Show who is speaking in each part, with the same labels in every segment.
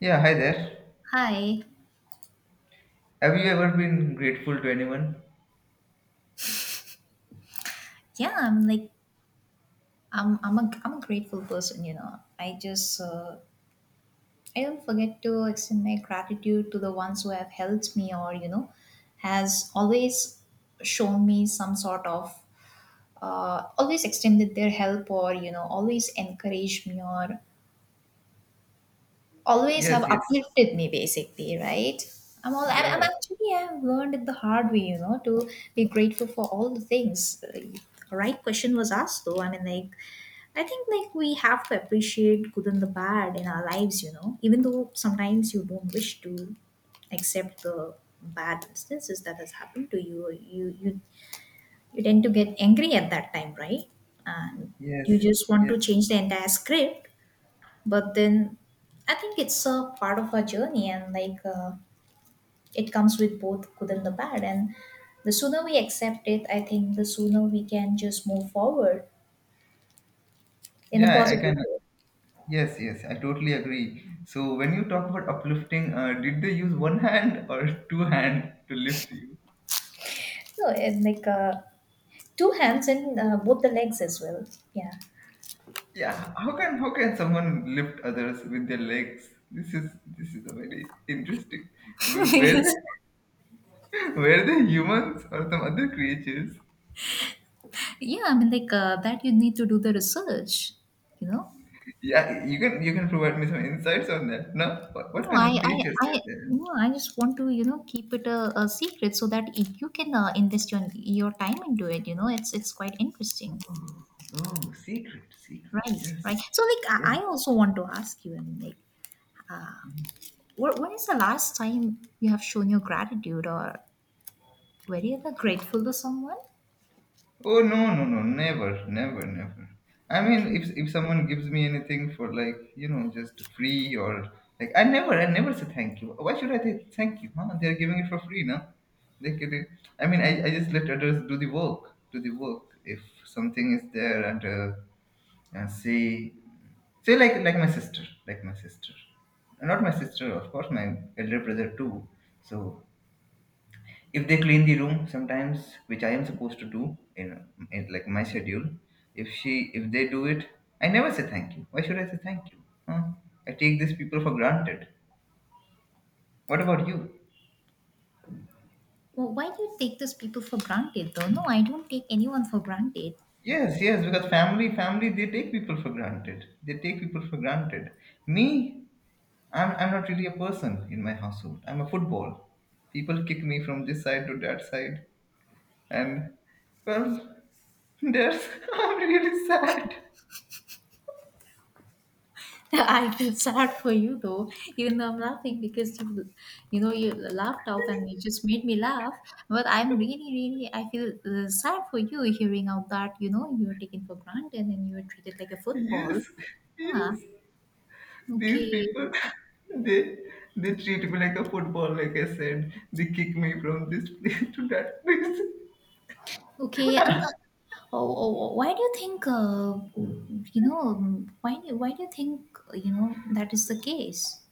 Speaker 1: Yeah, hi there.
Speaker 2: Hi.
Speaker 1: Have you ever been grateful to anyone?
Speaker 2: Yeah, I'm like, I'm a grateful person, you know. I just I don't forget to extend my gratitude to the ones who have helped me or you know has always shown me some sort of always extended their help, or you know always encouraged me, or always have
Speaker 1: Yes, yes.
Speaker 2: uplifted me, basically, right? I'm
Speaker 1: Yeah.
Speaker 2: actually, yeah, I've learned it the hard way, you know, to be grateful for all the things the Right question was asked though. I mean, like, I think, like, we have to appreciate good and the bad in our lives, you know. Even though sometimes you don't wish to accept the bad instances that has happened to you. You tend to get angry at that time, right? And
Speaker 1: Yes,
Speaker 2: you just want
Speaker 1: yes.
Speaker 2: to change the entire script, but then I think it's a part of our journey, and like it comes with both good and the bad, and the sooner we accept it, I think the sooner we can just move forward in a
Speaker 1: Yeah, I
Speaker 2: positive
Speaker 1: can.
Speaker 2: way.
Speaker 1: Yes, yes. I totally agree. So when you talk about uplifting, did they use one hand or two hand to lift you?
Speaker 2: So, and like, two hands, and both the legs as well. Yeah.
Speaker 1: Yeah. How can someone lift others with their legs? This is a very interesting. Were were they
Speaker 2: Because,
Speaker 1: were they humans or some other creatures?
Speaker 2: yeah, I mean, like that, you need to do the research, you know.
Speaker 1: Yeah, you can provide me some insights on that. No,
Speaker 2: no
Speaker 1: what kind
Speaker 2: i
Speaker 1: of
Speaker 2: i
Speaker 1: creatures are
Speaker 2: i
Speaker 1: there?
Speaker 2: no, I just want to, you know, keep it a secret, so that if you can invest your time into it, you know, it's quite interesting.
Speaker 1: Oh, secret, secret.
Speaker 2: Right,
Speaker 1: Yes,
Speaker 2: right. So, like,
Speaker 1: yes.
Speaker 2: I also want to ask you, I mean, like, uh, when is the last time you have shown your gratitude, or were you ever grateful to someone?
Speaker 1: Oh no, no, no, never, never, never. I mean,
Speaker 2: Okay.
Speaker 1: if someone gives me anything for like you know just free or like I never say thank you. Why should I say thank you? Huh? They're giving it for free now. They can. I mean, I just let others do the work, do the work. If something is there and and say like my sister, like my sister, not my sister, of course, my elder brother too. So if they clean the room sometimes which I am supposed to do in like my schedule, if they do it, I never say thank you. Why should I say thank you? Huh? I take these people for granted. What about you?
Speaker 2: Well, why do you take those people for granted, though? No, I don't take anyone for granted.
Speaker 1: Yes, yes. Because family they take people for granted, they take people for granted. Me, I'm not really a person in my household. I'm a football. People kick me from this side to that side. And well, there's I'm really sad.
Speaker 2: I feel sad for you, though, even though I'm laughing because you laughed out and you just made me laugh. But I'm really, really, I feel sad for you, hearing out that, you know, you are taken for granted and you are treated like a football.
Speaker 1: Yes,
Speaker 2: Yeah.
Speaker 1: yes. These
Speaker 2: Okay.
Speaker 1: people, they they treat me like a football, like I said. They kick me from this place to that place.
Speaker 2: Okay, and, oh, oh, oh, why do you think, you know, why do you think, you know, that is the case?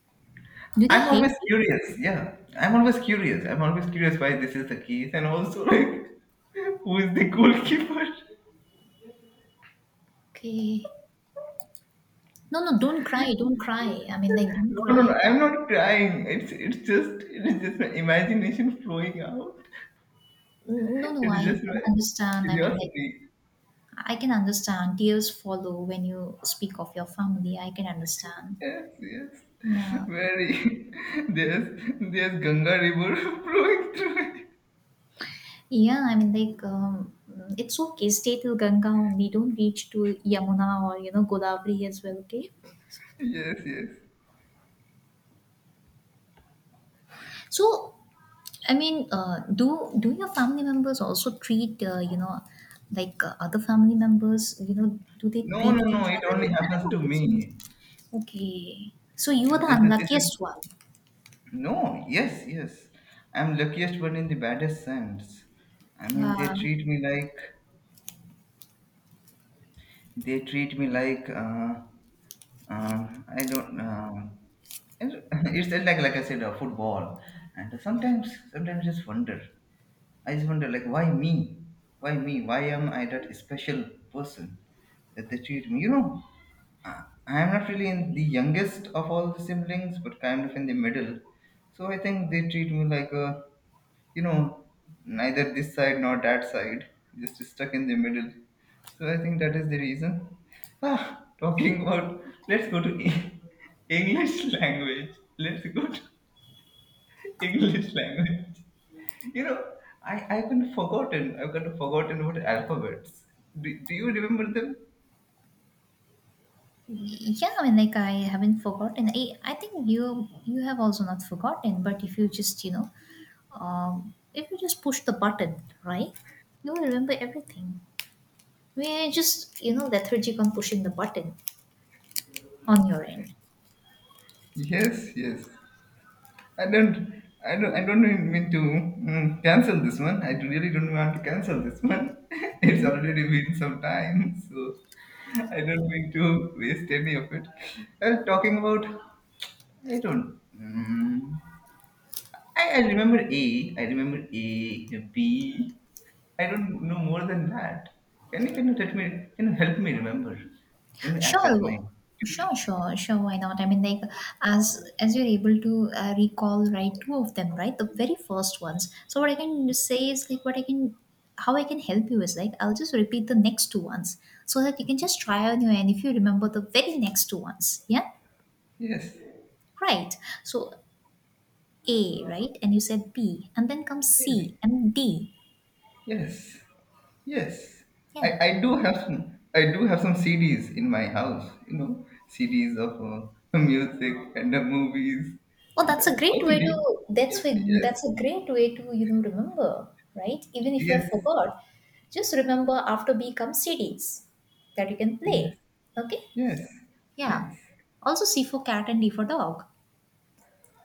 Speaker 2: Do they
Speaker 1: I'm always
Speaker 2: hate you?
Speaker 1: curious. Yeah, I'm always curious. I'm always curious why this is the case, and also like who is the goalkeeper.
Speaker 2: Okay. No, no, don't cry, don't cry. I mean, like, don't
Speaker 1: No, no,
Speaker 2: cry.
Speaker 1: no. I'm not crying. It's just it's just my imagination flowing out.
Speaker 2: No, no,
Speaker 1: It is
Speaker 2: I
Speaker 1: just
Speaker 2: can
Speaker 1: my
Speaker 2: understand. I mean, like,
Speaker 1: curiosity.
Speaker 2: I can understand. Tears follow when you speak of your family. I can understand.
Speaker 1: Yes, yes.
Speaker 2: Yeah.
Speaker 1: Very there's there's Ganga River flowing through it.
Speaker 2: Yeah, I mean, like, it's okay. Stay till Ganga only. Don't reach to Yamuna, or, you know, Godavari as well, okay?
Speaker 1: Yes, yes.
Speaker 2: So, I mean, do your family members also treat you know, like other family members? You know, do they
Speaker 1: No,
Speaker 2: treat
Speaker 1: no, no.
Speaker 2: each
Speaker 1: It
Speaker 2: other
Speaker 1: only
Speaker 2: like that,
Speaker 1: happens
Speaker 2: or
Speaker 1: to
Speaker 2: it's only
Speaker 1: me.
Speaker 2: okay? So you are
Speaker 1: Yeah,
Speaker 2: the
Speaker 1: this is
Speaker 2: unluckiest one.
Speaker 1: no. Yes, yes. I'm luckiest one in the baddest sense. I mean,
Speaker 2: Uh,
Speaker 1: they treat me like I don't. It's it's like I said, football. And sometimes, sometimes just wonder. I just wonder, like, why me? Why me? Why am I that special person that they treat me? You know, I am not really in the youngest of all the siblings, but kind of in the middle. So I think they treat me like a, you know, neither this side nor that side, just stuck in the middle. So I think that is the reason. Ah, talking about, let's go to English language. Let's go to English language. You know, I've been forgotten. I've got forgotten about alphabets. Do you remember them?
Speaker 2: yeah, I mean, like, I haven't forgotten. I think you have also not forgotten. But if you just you know, if you just push the button, right, you will remember everything. We're just, you know, lethargic on pushing the button on your end.
Speaker 1: Yes, yes. I don't mean to cancel this one. I really don't want to cancel this one. It's already been some time, so I don't mean to waste any of it. Well, talking about, I don't. I remember A. I remember A. B. I don't know more than that. Can you let me? Can you help me remember? Can you act as my
Speaker 2: Sure,
Speaker 1: tutor?
Speaker 2: sure, sure, sure. Why not? I mean, like, as you're able to recall, right, two of them, right, the very first ones. So what I can say is, like, how I can help you is, like, I'll just repeat the next two ones, so that you can just try on your end if you remember the very next two ones. Yeah,
Speaker 1: Yes.
Speaker 2: right. So A, right, and you said B, and then comes
Speaker 1: Yes.
Speaker 2: C and D.
Speaker 1: Yes. Yes,
Speaker 2: Yeah.
Speaker 1: I do have some, I do have some CDs in my house. You know, CDs of music and movies
Speaker 2: Oh,
Speaker 1: and
Speaker 2: that's a great
Speaker 1: also
Speaker 2: way to
Speaker 1: the,
Speaker 2: that's
Speaker 1: yeah.
Speaker 2: way
Speaker 1: Yes,
Speaker 2: that's a great way to, you know, remember, right? Even if you have
Speaker 1: yes,
Speaker 2: forgot, just remember after B comes C D's that you can
Speaker 1: yes,
Speaker 2: play. Okay,
Speaker 1: yes,
Speaker 2: yeah.
Speaker 1: yes,
Speaker 2: Also C for cat and D for dog.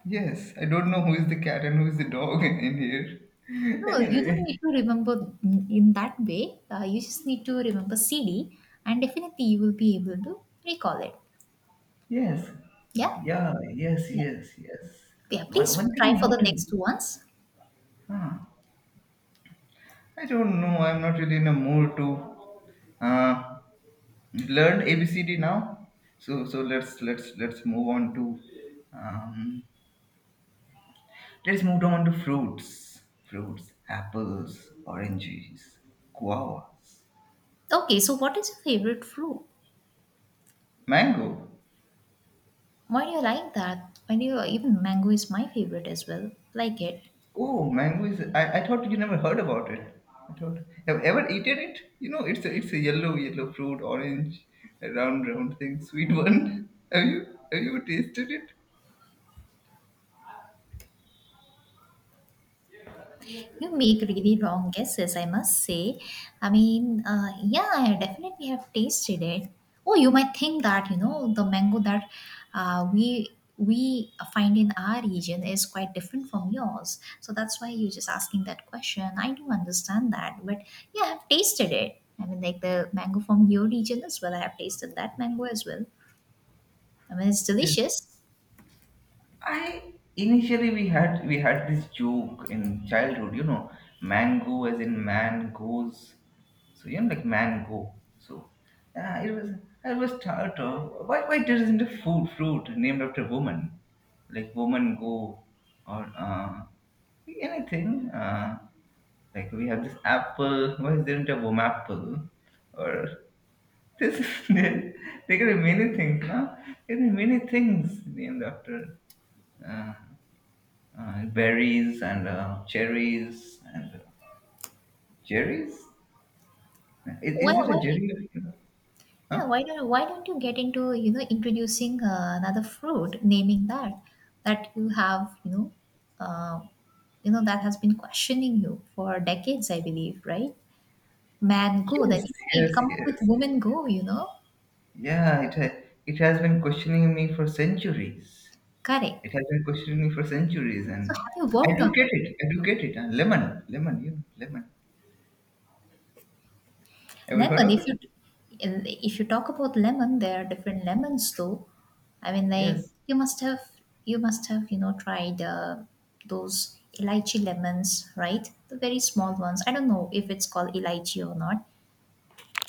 Speaker 1: yes. I don't know who is the cat and who is the dog in here.
Speaker 2: No, you don't
Speaker 1: Anyway,
Speaker 2: need to remember in that way. You just need to remember CD, and definitely you will be able to recall it.
Speaker 1: yes,
Speaker 2: Yeah,
Speaker 1: yeah, yes,
Speaker 2: yeah,
Speaker 1: yes, yes.
Speaker 2: yeah.
Speaker 1: One one
Speaker 2: Please
Speaker 1: thing I
Speaker 2: try for the
Speaker 1: noticed.
Speaker 2: next ones.
Speaker 1: Huh. I don't know. I'm not really in a mood to. Uh, You learned ABCD now. So let's move on to um, let's move on to fruits. Fruits, apples, oranges, guavas,
Speaker 2: Okay, so what is your favorite fruit?
Speaker 1: mango.
Speaker 2: Why do you like that? Why do you even Mango is my favorite as well. Like it.
Speaker 1: Oh, mango is. I thought you never heard about it. I thought have ever eaten it? You know, it's a yellow yellow fruit, orange, a round round thing, sweet one. Have you tasted it?
Speaker 2: You make really wrong guesses, I must say. I mean, yeah, I definitely have tasted it. Oh, you might think that, you know, the mango that uh, we we find in our region is quite different from yours. So that's why you're just asking that question. I do understand that, but yeah, I have tasted it. I mean, like the mango from your region as well. I have tasted that mango as well. I mean, it's
Speaker 1: Yes.
Speaker 2: delicious.
Speaker 1: I initially we had this joke in childhood, you know, mango as in man goes. So you know, like mango. So it was I was thought of why there isn't a food fruit named after woman, like woman go or anything. Like we have this apple. Why isn't a woman apple? Or this there there can be many things. Huh? There can be many things named after. Uh, and berries and cherries and cherries. Is it a
Speaker 2: Why
Speaker 1: jerry?
Speaker 2: Yeah,
Speaker 1: Huh?
Speaker 2: why don't you get into, you know, introducing another fruit, naming that you have, uh, that has been questioning you for decades, I believe, right? Man go,
Speaker 1: Yes,
Speaker 2: then you can
Speaker 1: yes,
Speaker 2: come up with
Speaker 1: yes.
Speaker 2: woman go, you know,
Speaker 1: Yeah, it has been questioning me for centuries.
Speaker 2: correct.
Speaker 1: It has been questioning me for centuries,
Speaker 2: So,
Speaker 1: and
Speaker 2: have you
Speaker 1: I
Speaker 2: worked
Speaker 1: do
Speaker 2: on
Speaker 1: get
Speaker 2: that?
Speaker 1: it. I do get it. Lemon, lemon, you know, lemon. Ever heard
Speaker 2: Lemon,
Speaker 1: of it?
Speaker 2: if you talk about lemon, there are different lemons though. I mean, like,
Speaker 1: Yes.
Speaker 2: you must have you know, tried those elaichi lemons, right? The very small ones. I don't know if it's called elaichi or not.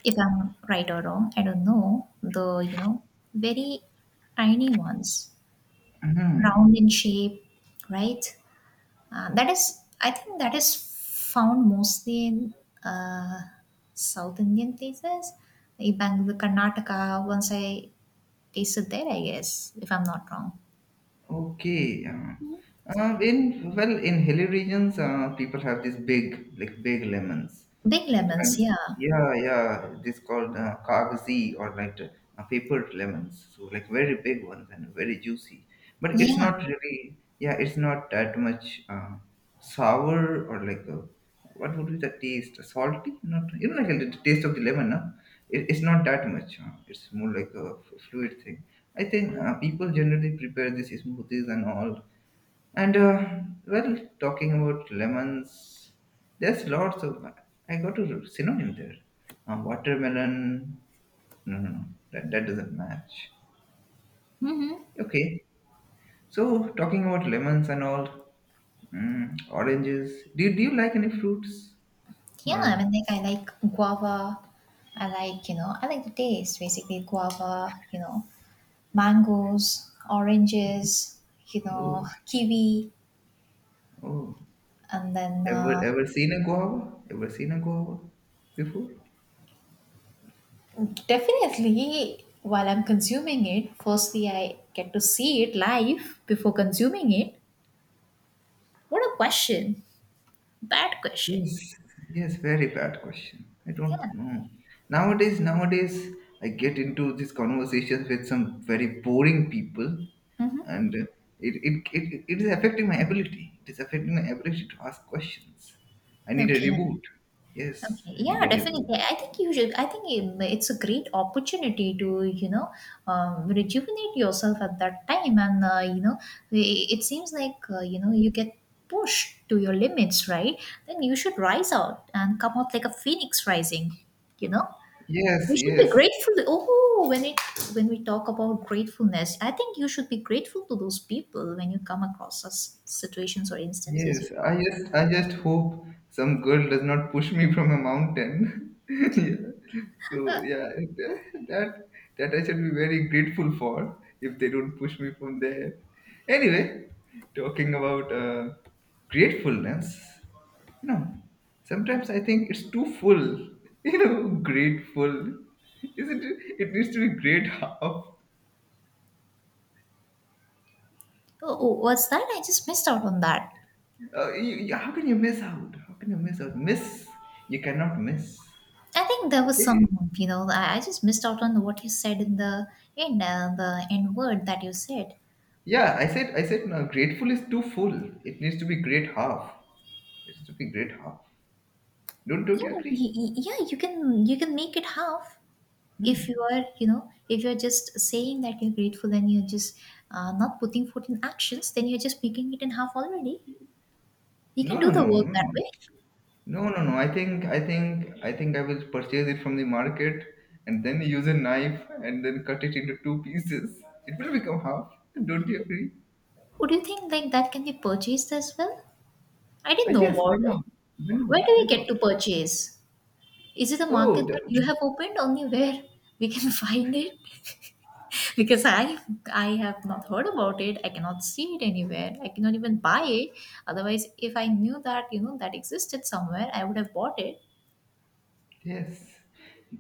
Speaker 2: If I'm right or wrong, I don't know. The, you know, very tiny ones, round in shape, right? That is, I think that is found mostly in uh, South Indian places. The Bangalore, Karnataka, once I tasted there, I guess, if I'm not wrong.
Speaker 1: Okay. In well, in hilly regions, people have these big, like big lemons,
Speaker 2: Big lemons,
Speaker 1: and
Speaker 2: yeah.
Speaker 1: yeah, yeah, this called kagzi or like papered lemons. So like very big ones and very juicy. But it's
Speaker 2: Yeah.
Speaker 1: not really, yeah, it's not that much sour or like uh, what would be the taste? Salty? Not you know like the taste of the lemon, no? It's not that much. It's more like a fluid thing. I think people generally prepare these smoothies and all. And Well, talking about lemons, there's lots of. I got a synonym there. Watermelon. No, no, no. That, that doesn't match.
Speaker 2: Mm-hmm.
Speaker 1: Okay. So talking about lemons and all, oranges. Do you like any fruits?
Speaker 2: Yeah, I
Speaker 1: Or
Speaker 2: mean, like, I like guava. I like the taste, basically, guava, you know, mangoes, oranges, you know,
Speaker 1: oh
Speaker 2: kiwi,
Speaker 1: oh,
Speaker 2: and then
Speaker 1: ever ever seen a guava? Ever seen a guava before?
Speaker 2: definitely, while I'm consuming it, firstly, I get to see it live before consuming it. What a question! Bad question.
Speaker 1: Yes, yes, very bad question. I don't
Speaker 2: Yeah.
Speaker 1: know. Nowadays, nowadays, I get into these conversations with some very boring people,
Speaker 2: Mm-hmm.
Speaker 1: and it is affecting my ability. It is affecting my ability to ask questions. I need a
Speaker 2: Okay.
Speaker 1: reboot. Yes,
Speaker 2: Okay.
Speaker 1: I
Speaker 2: Yeah,
Speaker 1: need a reboot.
Speaker 2: definitely. I think you should. I think it's a great opportunity to, you know, rejuvenate yourself at that time. And, it seems like, you get pushed to your limits, right? Then you should rise out and come out like a phoenix rising, you know?
Speaker 1: Yes,
Speaker 2: You should be
Speaker 1: yes.
Speaker 2: grateful. Oh, when it when we talk about gratefulness, I think you should be grateful to those people when you come across such situations or instances.
Speaker 1: Yes,
Speaker 2: You know,
Speaker 1: I just hope some girl does not push me from a mountain. Yeah. So
Speaker 2: uh,
Speaker 1: yeah, that that I should be very grateful for if they don't push me from there. Anyway, talking about gratefulness, you know, sometimes I think it's too full. You know, grateful, isn't it? It needs to be great half.
Speaker 2: oh, oh, what's that? I just missed out on that.
Speaker 1: You- how can you miss out? How can you miss out? Miss, you cannot miss.
Speaker 2: I think there was
Speaker 1: Okay?
Speaker 2: some, you know, I just missed out on what you said in the end word that you said.
Speaker 1: Yeah, I said no, grateful is too full. It needs to be great half. It needs to be great half. Don't you
Speaker 2: Yeah,
Speaker 1: agree?
Speaker 2: yeah, you can, make it half if you are, if you're just saying that you're grateful and you're just not putting forth in actions, then you're just making it in half already. You
Speaker 1: No
Speaker 2: can
Speaker 1: no
Speaker 2: do the
Speaker 1: no
Speaker 2: work
Speaker 1: no
Speaker 2: that
Speaker 1: no.
Speaker 2: way.
Speaker 1: No no no. I think I will purchase it from the market and then use a knife and then cut it into two pieces. It will become half. Don't you agree?
Speaker 2: Would you think like that can be purchased as well? I didn't know
Speaker 1: Yes, why
Speaker 2: about it.
Speaker 1: not? Why
Speaker 2: Where
Speaker 1: not?
Speaker 2: do
Speaker 1: Why
Speaker 2: we get to
Speaker 1: not?
Speaker 2: purchase? Is it a
Speaker 1: Oh
Speaker 2: market
Speaker 1: the,
Speaker 2: that you have opened only where we can find it? Because I have not heard about it. I cannot see it anywhere. I cannot even buy it. Otherwise, if I knew that, you know, that existed somewhere, I would have bought it.
Speaker 1: yes.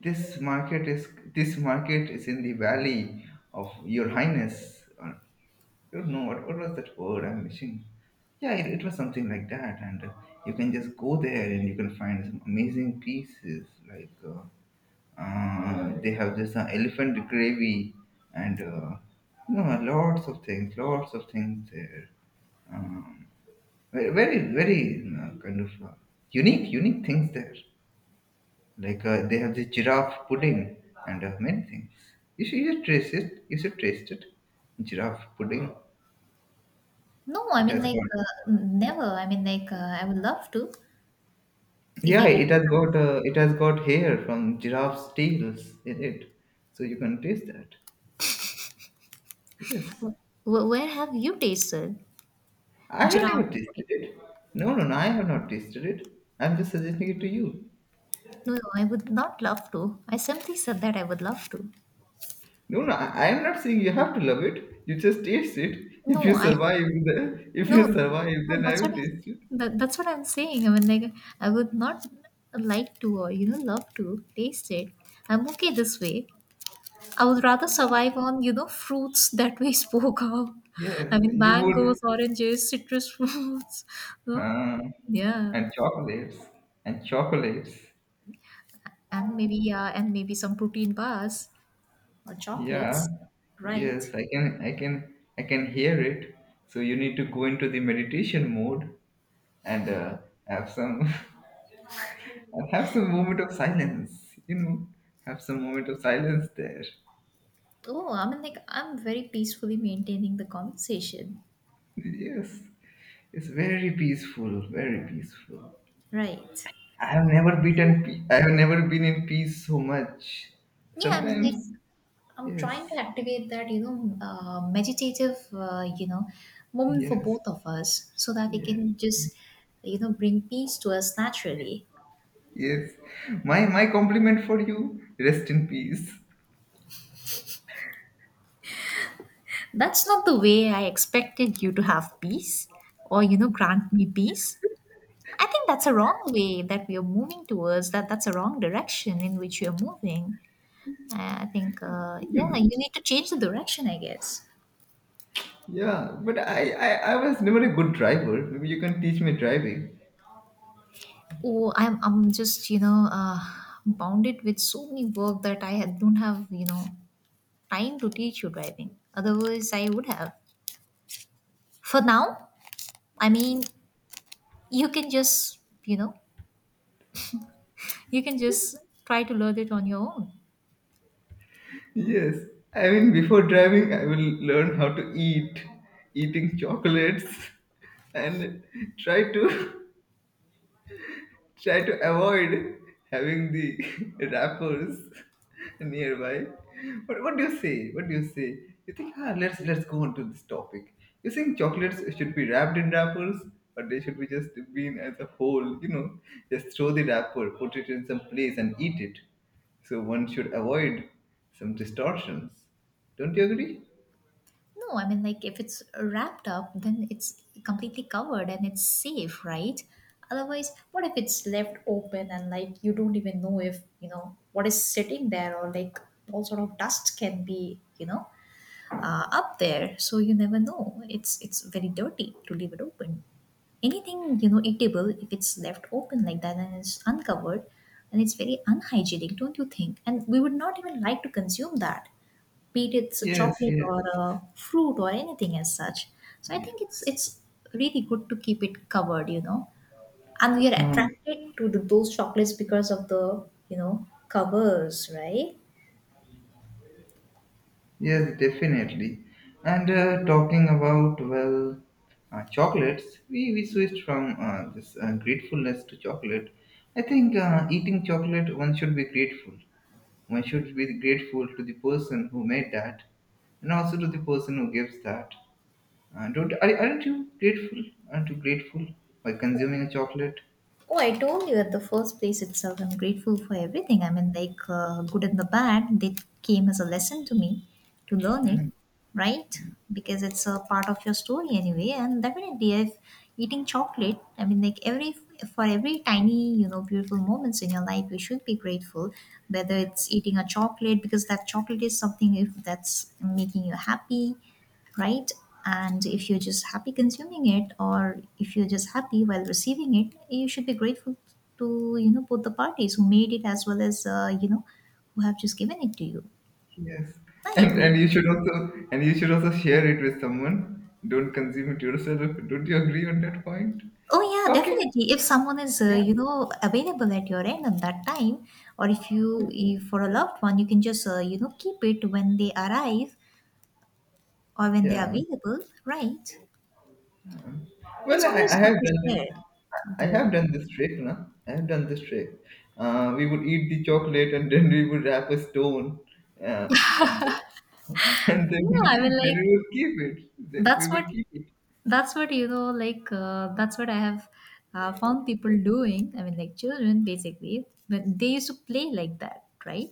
Speaker 1: This market is this market is in the valley of your highness. You know what was that word I'm missing. Yeah, it was something like that, and you can just go there and you can find some amazing pieces. They have this elephant gravy, and you know, lots of things there. Um, Very, very kind of unique, unique things there. Like they have this giraffe pudding and many things. You should taste it. You should taste it. Giraffe pudding.
Speaker 2: No, I
Speaker 1: It
Speaker 2: mean,
Speaker 1: has
Speaker 2: like
Speaker 1: got,
Speaker 2: never. I mean, like I would love to if I
Speaker 1: yeah,
Speaker 2: get.
Speaker 1: it has got hair from giraffe's tails in it, so you can taste that. Yes,
Speaker 2: Wh- Where have you tasted
Speaker 1: I have never
Speaker 2: giraffe?
Speaker 1: tasted it. No, no, no, I have not tasted it. I'm just suggesting it to you.
Speaker 2: No, no, I would not love to. I simply said that I would love to.
Speaker 1: No, no, I am not saying you have to love it. You just taste it. If you
Speaker 2: No, I
Speaker 1: survive, if you
Speaker 2: no,
Speaker 1: survive,
Speaker 2: no.
Speaker 1: then I will taste it.
Speaker 2: That's what I'm saying. I mean, like, I would not like to, or love to taste it. I'm okay this way. I would rather survive on, you know, fruits that we spoke of.
Speaker 1: Yes,
Speaker 2: I mean,
Speaker 1: you would.
Speaker 2: mangoes, oranges, citrus fruits. No,
Speaker 1: Uh,
Speaker 2: yeah,
Speaker 1: and chocolates and chocolates.
Speaker 2: and maybe some protein bars or
Speaker 1: Yeah,
Speaker 2: chocolates, right?
Speaker 1: yes, I can hear it. So you need to go into the meditation mode and have some, and have some moment of silence. You know, have some moment of silence there.
Speaker 2: Oh, I mean, like, I'm very peacefully maintaining the conversation.
Speaker 1: Yes, it's very peaceful, very peaceful.
Speaker 2: Right. So,
Speaker 1: I have never been in peace so much.
Speaker 2: yeah, I mean, like,
Speaker 1: Sometimes,
Speaker 2: I'm trying to
Speaker 1: yes,
Speaker 2: activate that, meditative, you know, moment for
Speaker 1: yes,
Speaker 2: both of us, so that we
Speaker 1: yes,
Speaker 2: can just, bring peace to us naturally.
Speaker 1: yes. My compliment for you. Rest in peace.
Speaker 2: That's not the way I expected you to have peace, or, you know, grant me peace. I think that's a wrong way that we are moving towards, that that's a wrong direction in which you're moving. I think, yeah, you need to change the direction, I guess.
Speaker 1: Yeah, but I was never a good driver. Maybe you can teach me driving.
Speaker 2: Oh, I'm just, bounded with so many work that don't have, you know, time to teach you driving. Otherwise, I would have. For now, I mean, you can just you know you can just try to learn it on your own.
Speaker 1: Yes. I mean, before driving, I will learn how to eat, eating chocolates, and try to try to avoid having the rappers nearby. But what do you say? What do you say? You think, ah, let's go on to this topic. You think chocolates should be wrapped in wrappers, or they should be just been as a whole? Just throw the wrapper, put it in some place, and eat it. So one should avoid some distortions. Don't you agree?
Speaker 2: No, I mean, like, if it's wrapped up, then it's completely covered and it's safe, right? Otherwise, what if it's left open and like you don't even know if you know what is sitting there or like all sort of dust can be up there, so you never know. It's very dirty to leave it open. Anything you know eatable, if it's left open like that and it's uncovered and it's very unhygienic, don't you think? And we would not even like to consume that, be it it's a
Speaker 1: Yes,
Speaker 2: chocolate or
Speaker 1: yes,
Speaker 2: a fruit or anything as such. So I
Speaker 1: yes.
Speaker 2: think it's really good to keep it covered, you know. And we are
Speaker 1: Hmm.
Speaker 2: attracted to those chocolates because of the, you know, covers, right?
Speaker 1: Yes, definitely. And talking about, well, chocolates, we switched from this gratefulness to chocolate. I think eating chocolate, one should be grateful. One should be grateful to the person who made that and also to the person who gives that. Don't, are, Aren't you grateful? Aren't you grateful by consuming a chocolate?
Speaker 2: Oh, I told you at the first place itself, I'm grateful for everything. I mean, like, good and the bad, they came as a lesson to me to learn it, right? Because it's a part of your story anyway. And definitely, if eating chocolate, I mean, like, every for every tiny, you know, beautiful moments in your life, we should be grateful, whether it's eating a chocolate, because that chocolate is something if that's making you happy, right? And if you're just happy consuming it, or if you're just happy while receiving it, you should be grateful to, you know, both the parties who made it, as well as, you know, who have just given it to you.
Speaker 1: Yes,
Speaker 2: I
Speaker 1: and
Speaker 2: agree.
Speaker 1: and you should also share it with someone. Don't consume it yourself. Don't you agree on that point?
Speaker 2: Oh yeah,
Speaker 1: Talking,
Speaker 2: definitely. If someone is
Speaker 1: yeah,
Speaker 2: you know available at your end at that time, or if you if for a loved one, you can just you know keep it when they arrive or when they are
Speaker 1: yeah.
Speaker 2: available, right?
Speaker 1: Well,
Speaker 2: It's
Speaker 1: I
Speaker 2: always good
Speaker 1: have
Speaker 2: to
Speaker 1: done this.
Speaker 2: share,
Speaker 1: I
Speaker 2: though.
Speaker 1: have done this trick, na. I have done this trick. We would eat the chocolate and then we would wrap a stone, uh, and and
Speaker 2: Yeah, I mean,
Speaker 1: then
Speaker 2: like
Speaker 1: we would keep it. We
Speaker 2: that's what
Speaker 1: would keep it.
Speaker 2: that's what, you know, like that's what I have found people doing. I mean, like children basically, but they used to play like that, right?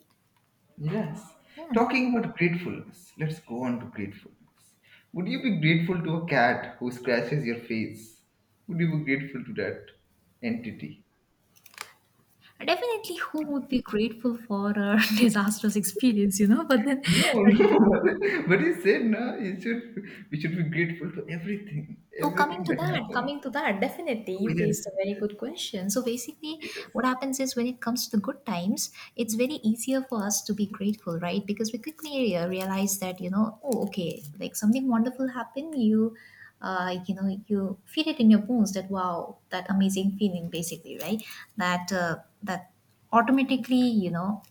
Speaker 1: Yes.
Speaker 2: Yeah,
Speaker 1: Talking about gratefulness, let's go on to gratefulness. Would you be grateful to a cat who scratches your face? Would you be grateful to that entity?
Speaker 2: definitely. Who would be grateful for a disastrous experience, you know? But then,
Speaker 1: No, no. But he said no. You should. We should be grateful to everything,
Speaker 2: oh,
Speaker 1: everything that happens.
Speaker 2: coming to that, definitely,
Speaker 1: Oh
Speaker 2: you
Speaker 1: yes,
Speaker 2: raised a very good question. So basically,
Speaker 1: yes.
Speaker 2: what happens is when it comes to the good times, it's very easier for us to be grateful, right? Because we quickly realize that, you know, oh, okay, like something wonderful happened. You, you know, you feel it in your bones that wow, that amazing feeling, basically, right? That that automatically, you know,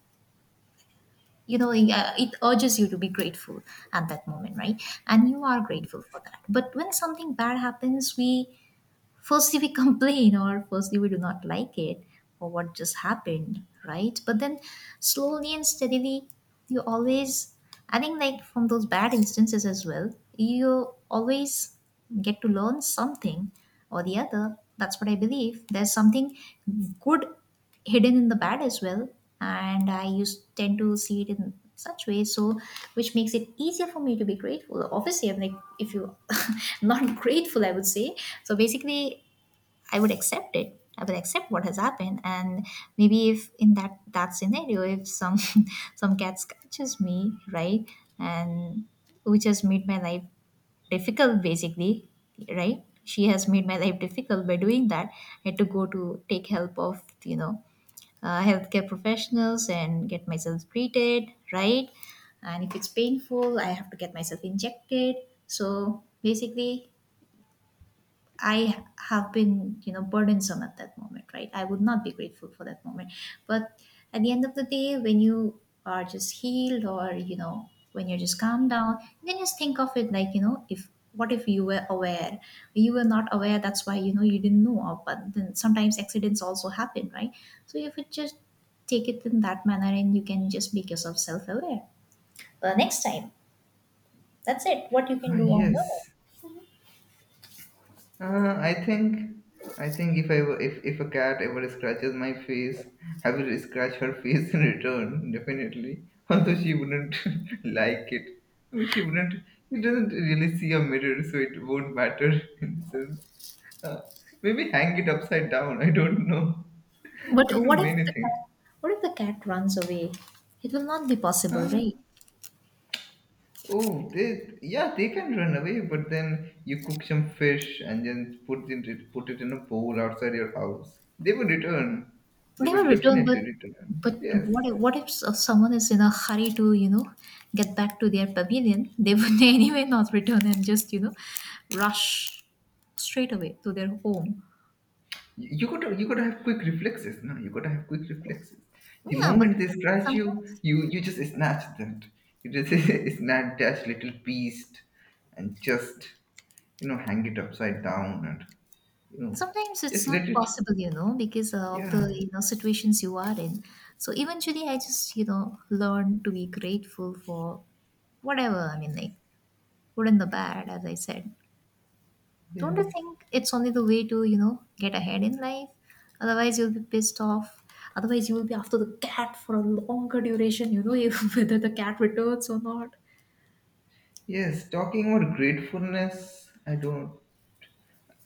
Speaker 2: it urges you to be grateful at that moment, right? And you are grateful for that. But when something bad happens, we firstly we complain, or firstly we do not like it or what just happened, right? But then slowly and steadily, you always, I think, like from those bad instances as well, you always get to learn something or the other. That's what I believe, there's something good hidden in the bad as well, and I used tend to see it in such ways. So which makes it easier for me to be grateful. Obviously I'm like, if you not grateful, I would say. So basically, I would accept it, I would accept what has happened, and maybe if in that scenario, if some some cat scratches me, right? And which has made my life difficult, basically, right? She has made my life difficult by doing that. I had to go to take help of, you know, healthcare professionals and get myself treated, right? And if it's painful, I have to get myself injected. So basically, I have been, you know, burdensome at that moment, right? I would not be grateful for that moment. But at the end of the day, when you are just healed or, you know, when you're just calmed down, you can just think of it like, you know, if what if you were aware? You were not aware, that's why, you know, you didn't know of, but then sometimes accidents also happen, right? So if you just take it in that manner, and you can just make yourself self aware. The next time, that's it. What you can
Speaker 1: Ah,
Speaker 2: do on your own.
Speaker 1: yes. Uh, I think, I think if if a cat ever scratches my face, I will scratch her face in return. Definitely, although she wouldn't like it. I mean, she wouldn't. She doesn't really see a mirror, so it won't matter in a sense. Uh, Maybe hang it upside down. I don't know.
Speaker 2: But
Speaker 1: I do
Speaker 2: what if
Speaker 1: many
Speaker 2: the
Speaker 1: things.
Speaker 2: cat, what if the cat runs away? It will not be possible,
Speaker 1: Uh,
Speaker 2: right?
Speaker 1: Oh, they yeah, they can run away, but then you cook some fish and then put it in a bowl outside your house. They will return. They
Speaker 2: Never
Speaker 1: will
Speaker 2: return,
Speaker 1: definitely return.
Speaker 2: but
Speaker 1: Yes,
Speaker 2: what if, what if someone is in a hurry to, you know, get back to their pavilion? They would anyway not return and just, you know, rush straight away to their home.
Speaker 1: you gotta have quick reflexes. No, you gotta have quick reflexes. The
Speaker 2: Yeah, but
Speaker 1: moment they
Speaker 2: like,
Speaker 1: scratch you,
Speaker 2: sometimes
Speaker 1: you just snatch that. You just snatch that little beast and just hang it upside down and you know
Speaker 2: sometimes it's
Speaker 1: just let
Speaker 2: not
Speaker 1: it.
Speaker 2: possible, you know, because of
Speaker 1: Yeah.
Speaker 2: the, you know, situations you are in. So eventually, I just, you know, learn to be grateful for whatever. I mean, like good and the bad, as I said. Don't
Speaker 1: Yes.
Speaker 2: you think it's only the way to, you know, get ahead in life? Otherwise, you'll be pissed off. Otherwise, you will be after the cat for a longer duration, you know, if- whether the cat returns or not.
Speaker 1: Yes, talking about gratefulness, I don't.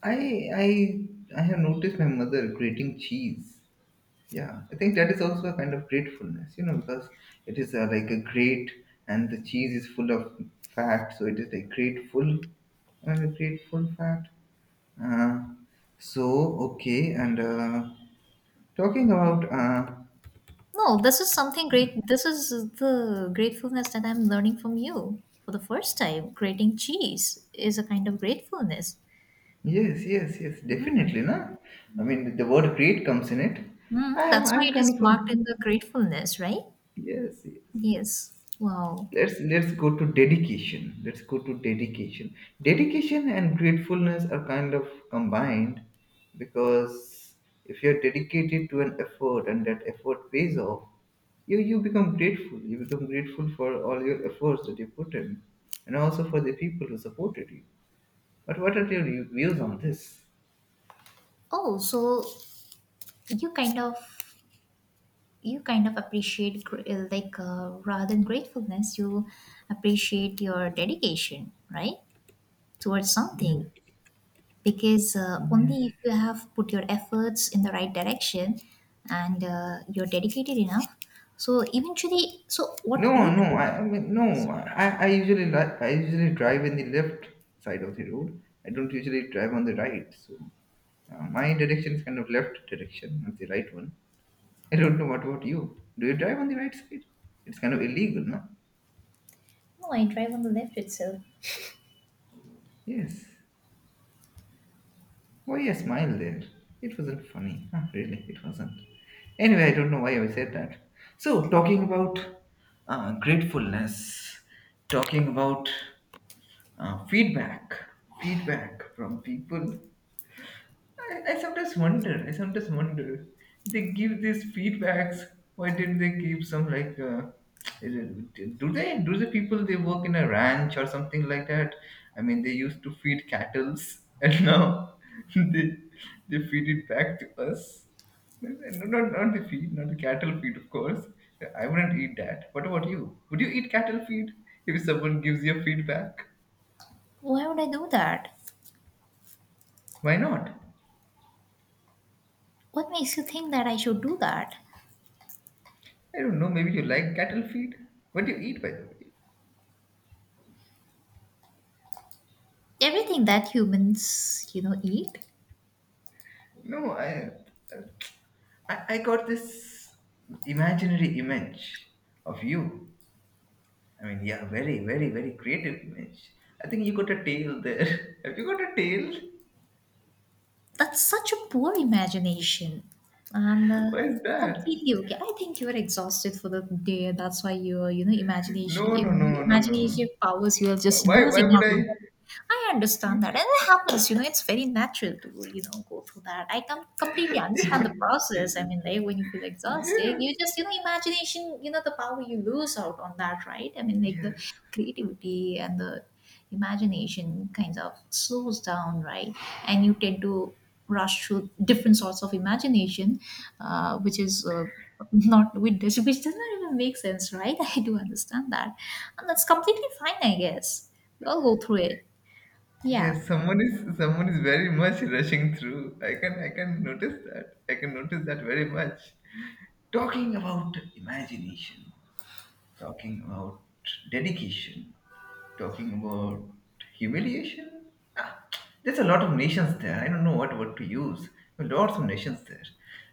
Speaker 1: I I have noticed my mother grating cheese. Yeah, I think that is also a kind of gratefulness, because it is like a grate, and the cheese is full of fat, so it is like grateful, grateful fat. Uh, so okay, and talking about
Speaker 2: No, this is something great. This is the gratefulness that I'm learning from you for the first time. Grating cheese is a kind of gratefulness.
Speaker 1: yes, yes, yes, definitely, na. I mean, the word grate comes in it. I
Speaker 2: Mm,
Speaker 1: am
Speaker 2: that's why
Speaker 1: I'm
Speaker 2: it
Speaker 1: kind
Speaker 2: is
Speaker 1: of a
Speaker 2: marked in the gratefulness, right?
Speaker 1: yes, yes, yes.
Speaker 2: Yes. Wow.
Speaker 1: Let's go to dedication. Let's go to dedication. Dedication and gratefulness are kind of combined, because if you're dedicated to an effort and that effort pays off, you become grateful. You become grateful for all your efforts that you put in, and also for the people who supported you. But what are your views on this?
Speaker 2: Oh, so you kind of you kind of appreciate like rather than gratefulness, you appreciate your dedication, right, towards
Speaker 1: Yeah.
Speaker 2: something. Because only if you have put your efforts in the right direction and you're dedicated enough, so eventually so what
Speaker 1: No,
Speaker 2: you
Speaker 1: no,
Speaker 2: do is,
Speaker 1: I mean no. I usually drive in the left side of the road. I don't usually drive on the right. So my direction is kind of left direction, not the right one. I don't know what about you. Do you drive on the right side? It's kind of illegal, no?
Speaker 2: no I drive on the left itself.
Speaker 1: Yes. Why a smile there? It wasn't funny. Huh, really, it wasn't. Anyway, I don't know why I said that. So talking about gratefulness, talking about feedback, from people. I sometimes wonder, they give these feedbacks, why didn't they give some like is it- do they do the people they work in a ranch or something like that? I mean, they used to feed cattles, and now they they feed it back to us. No, not, not the feed, not the cattle feed, of course. I wouldn't eat that. What about you? Would you eat cattle feed if someone gives you feedback?
Speaker 2: Why would I do that?
Speaker 1: Why not?
Speaker 2: What makes you think that I should do that?
Speaker 1: I don't know. Maybe you like cattle feed. What do you eat, by the way?
Speaker 2: Everything that humans, you know, eat.
Speaker 1: No, I got this imaginary image of you. I mean, yeah, very, very, very creative image. I think you got a tail there. Have you got a tail?
Speaker 2: That's such a poor imagination. And
Speaker 1: Why is that?
Speaker 2: completely okay. I think you are exhausted for the day. That's why your, you know, imagination,
Speaker 1: No, no,
Speaker 2: your
Speaker 1: no, no, no.
Speaker 2: imaginative powers, you are just
Speaker 1: Why
Speaker 2: losing
Speaker 1: would
Speaker 2: out
Speaker 1: I?
Speaker 2: on. I understand that, and it happens. You know, it's very natural to, you know, go through that. I completely understand the process. I mean, like when you feel exhausted,
Speaker 1: Yes,
Speaker 2: you just, you know, imagination. You know the power you lose out on that, right? I mean, like the
Speaker 1: yes,
Speaker 2: creativity and the imagination kind of slows down, right? And you tend to rush through different sorts of imagination, which is. Not with this, which does not even make sense, right? I do understand that, and that's completely fine, I guess. We all go through it. Yeah.
Speaker 1: yes. Someone is very much rushing through. I can notice that. I can notice that very much. Talking about imagination, talking about dedication, talking about humiliation. Ah, there's a lot of nations there. I don't know what word to use. Lots of nations there.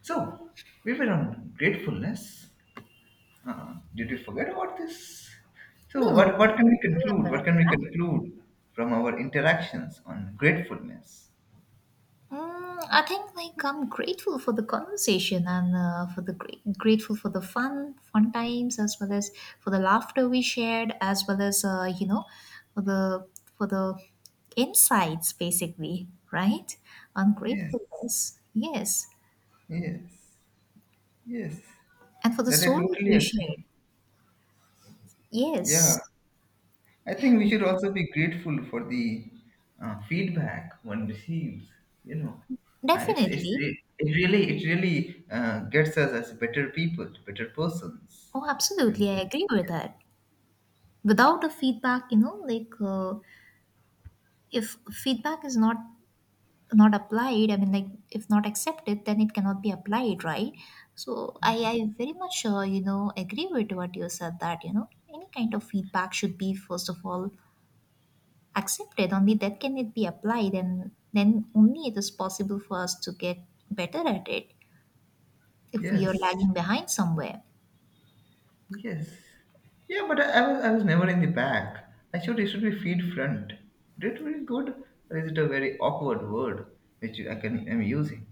Speaker 1: So we were on gratefulness. Did we forget about this? So
Speaker 2: No, no.
Speaker 1: what can we
Speaker 2: We're on
Speaker 1: conclude?
Speaker 2: the
Speaker 1: What
Speaker 2: right
Speaker 1: can we
Speaker 2: track.
Speaker 1: conclude from our interactions on gratefulness?
Speaker 2: Mm, I think like I'm grateful for the conversation and, for the grateful for the fun times, as well as for the laughter we shared, as well as, you know, for the insights, basically, right? On
Speaker 1: Yes,
Speaker 2: gratefulness, yes.
Speaker 1: yes, yes.
Speaker 2: And for the
Speaker 1: That I
Speaker 2: stories
Speaker 1: totally
Speaker 2: we shared.
Speaker 1: agree. Yeah.
Speaker 2: Yes,
Speaker 1: I think we should also be grateful for the feedback one receives. You know,
Speaker 2: definitely.
Speaker 1: it really gets us as better people, better persons.
Speaker 2: Oh,
Speaker 1: And
Speaker 2: absolutely, I agree with that. Without a feedback, you know, like if feedback is not applied, I mean, like if not accepted, then it cannot be applied, right? So I very much, you know, agree with what you said, that you know any kind of feedback should be first of all accepted. Only that can it be applied, and then only it is possible for us to get better at it, if we are
Speaker 1: yes,
Speaker 2: lagging behind somewhere.
Speaker 1: yes, yeah. But I was never in the back. Actually, it should be feed front. Is it very good, or is it a very awkward word which I can am using?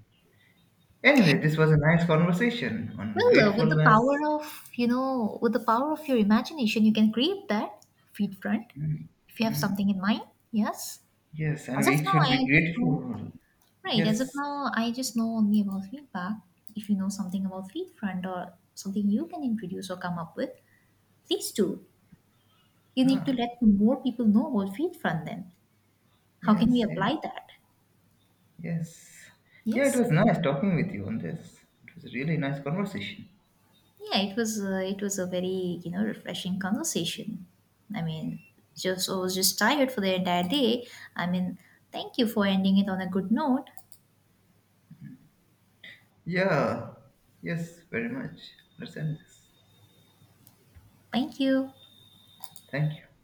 Speaker 1: Anyway, this was a nice conversation on
Speaker 2: Well, with the power
Speaker 1: gratefulness.
Speaker 2: of, you know, with the power of your imagination, you can create that feed front, if you have something in mind. Yes,
Speaker 1: Yes, and
Speaker 2: as of
Speaker 1: we
Speaker 2: now,
Speaker 1: should
Speaker 2: I
Speaker 1: be
Speaker 2: just don't.
Speaker 1: grateful.
Speaker 2: Right. As of
Speaker 1: Yes.
Speaker 2: now, I just know only about feedback. If you know something about feed front or something you can introduce or come up with, please do. You need
Speaker 1: Huh.
Speaker 2: to let more people know about feed front then. How can we
Speaker 1: Yes, yes,
Speaker 2: apply that?
Speaker 1: yes. Yeah, it
Speaker 2: Yes.
Speaker 1: was nice talking with you on this. It was a really nice conversation.
Speaker 2: Yeah, it was a very, you know, refreshing conversation. I mean, just I was just tired for the entire day. I mean, thank you for ending it on a good note.
Speaker 1: Yeah. Yes, very much. Understand this.
Speaker 2: Thank you.
Speaker 1: Thank you.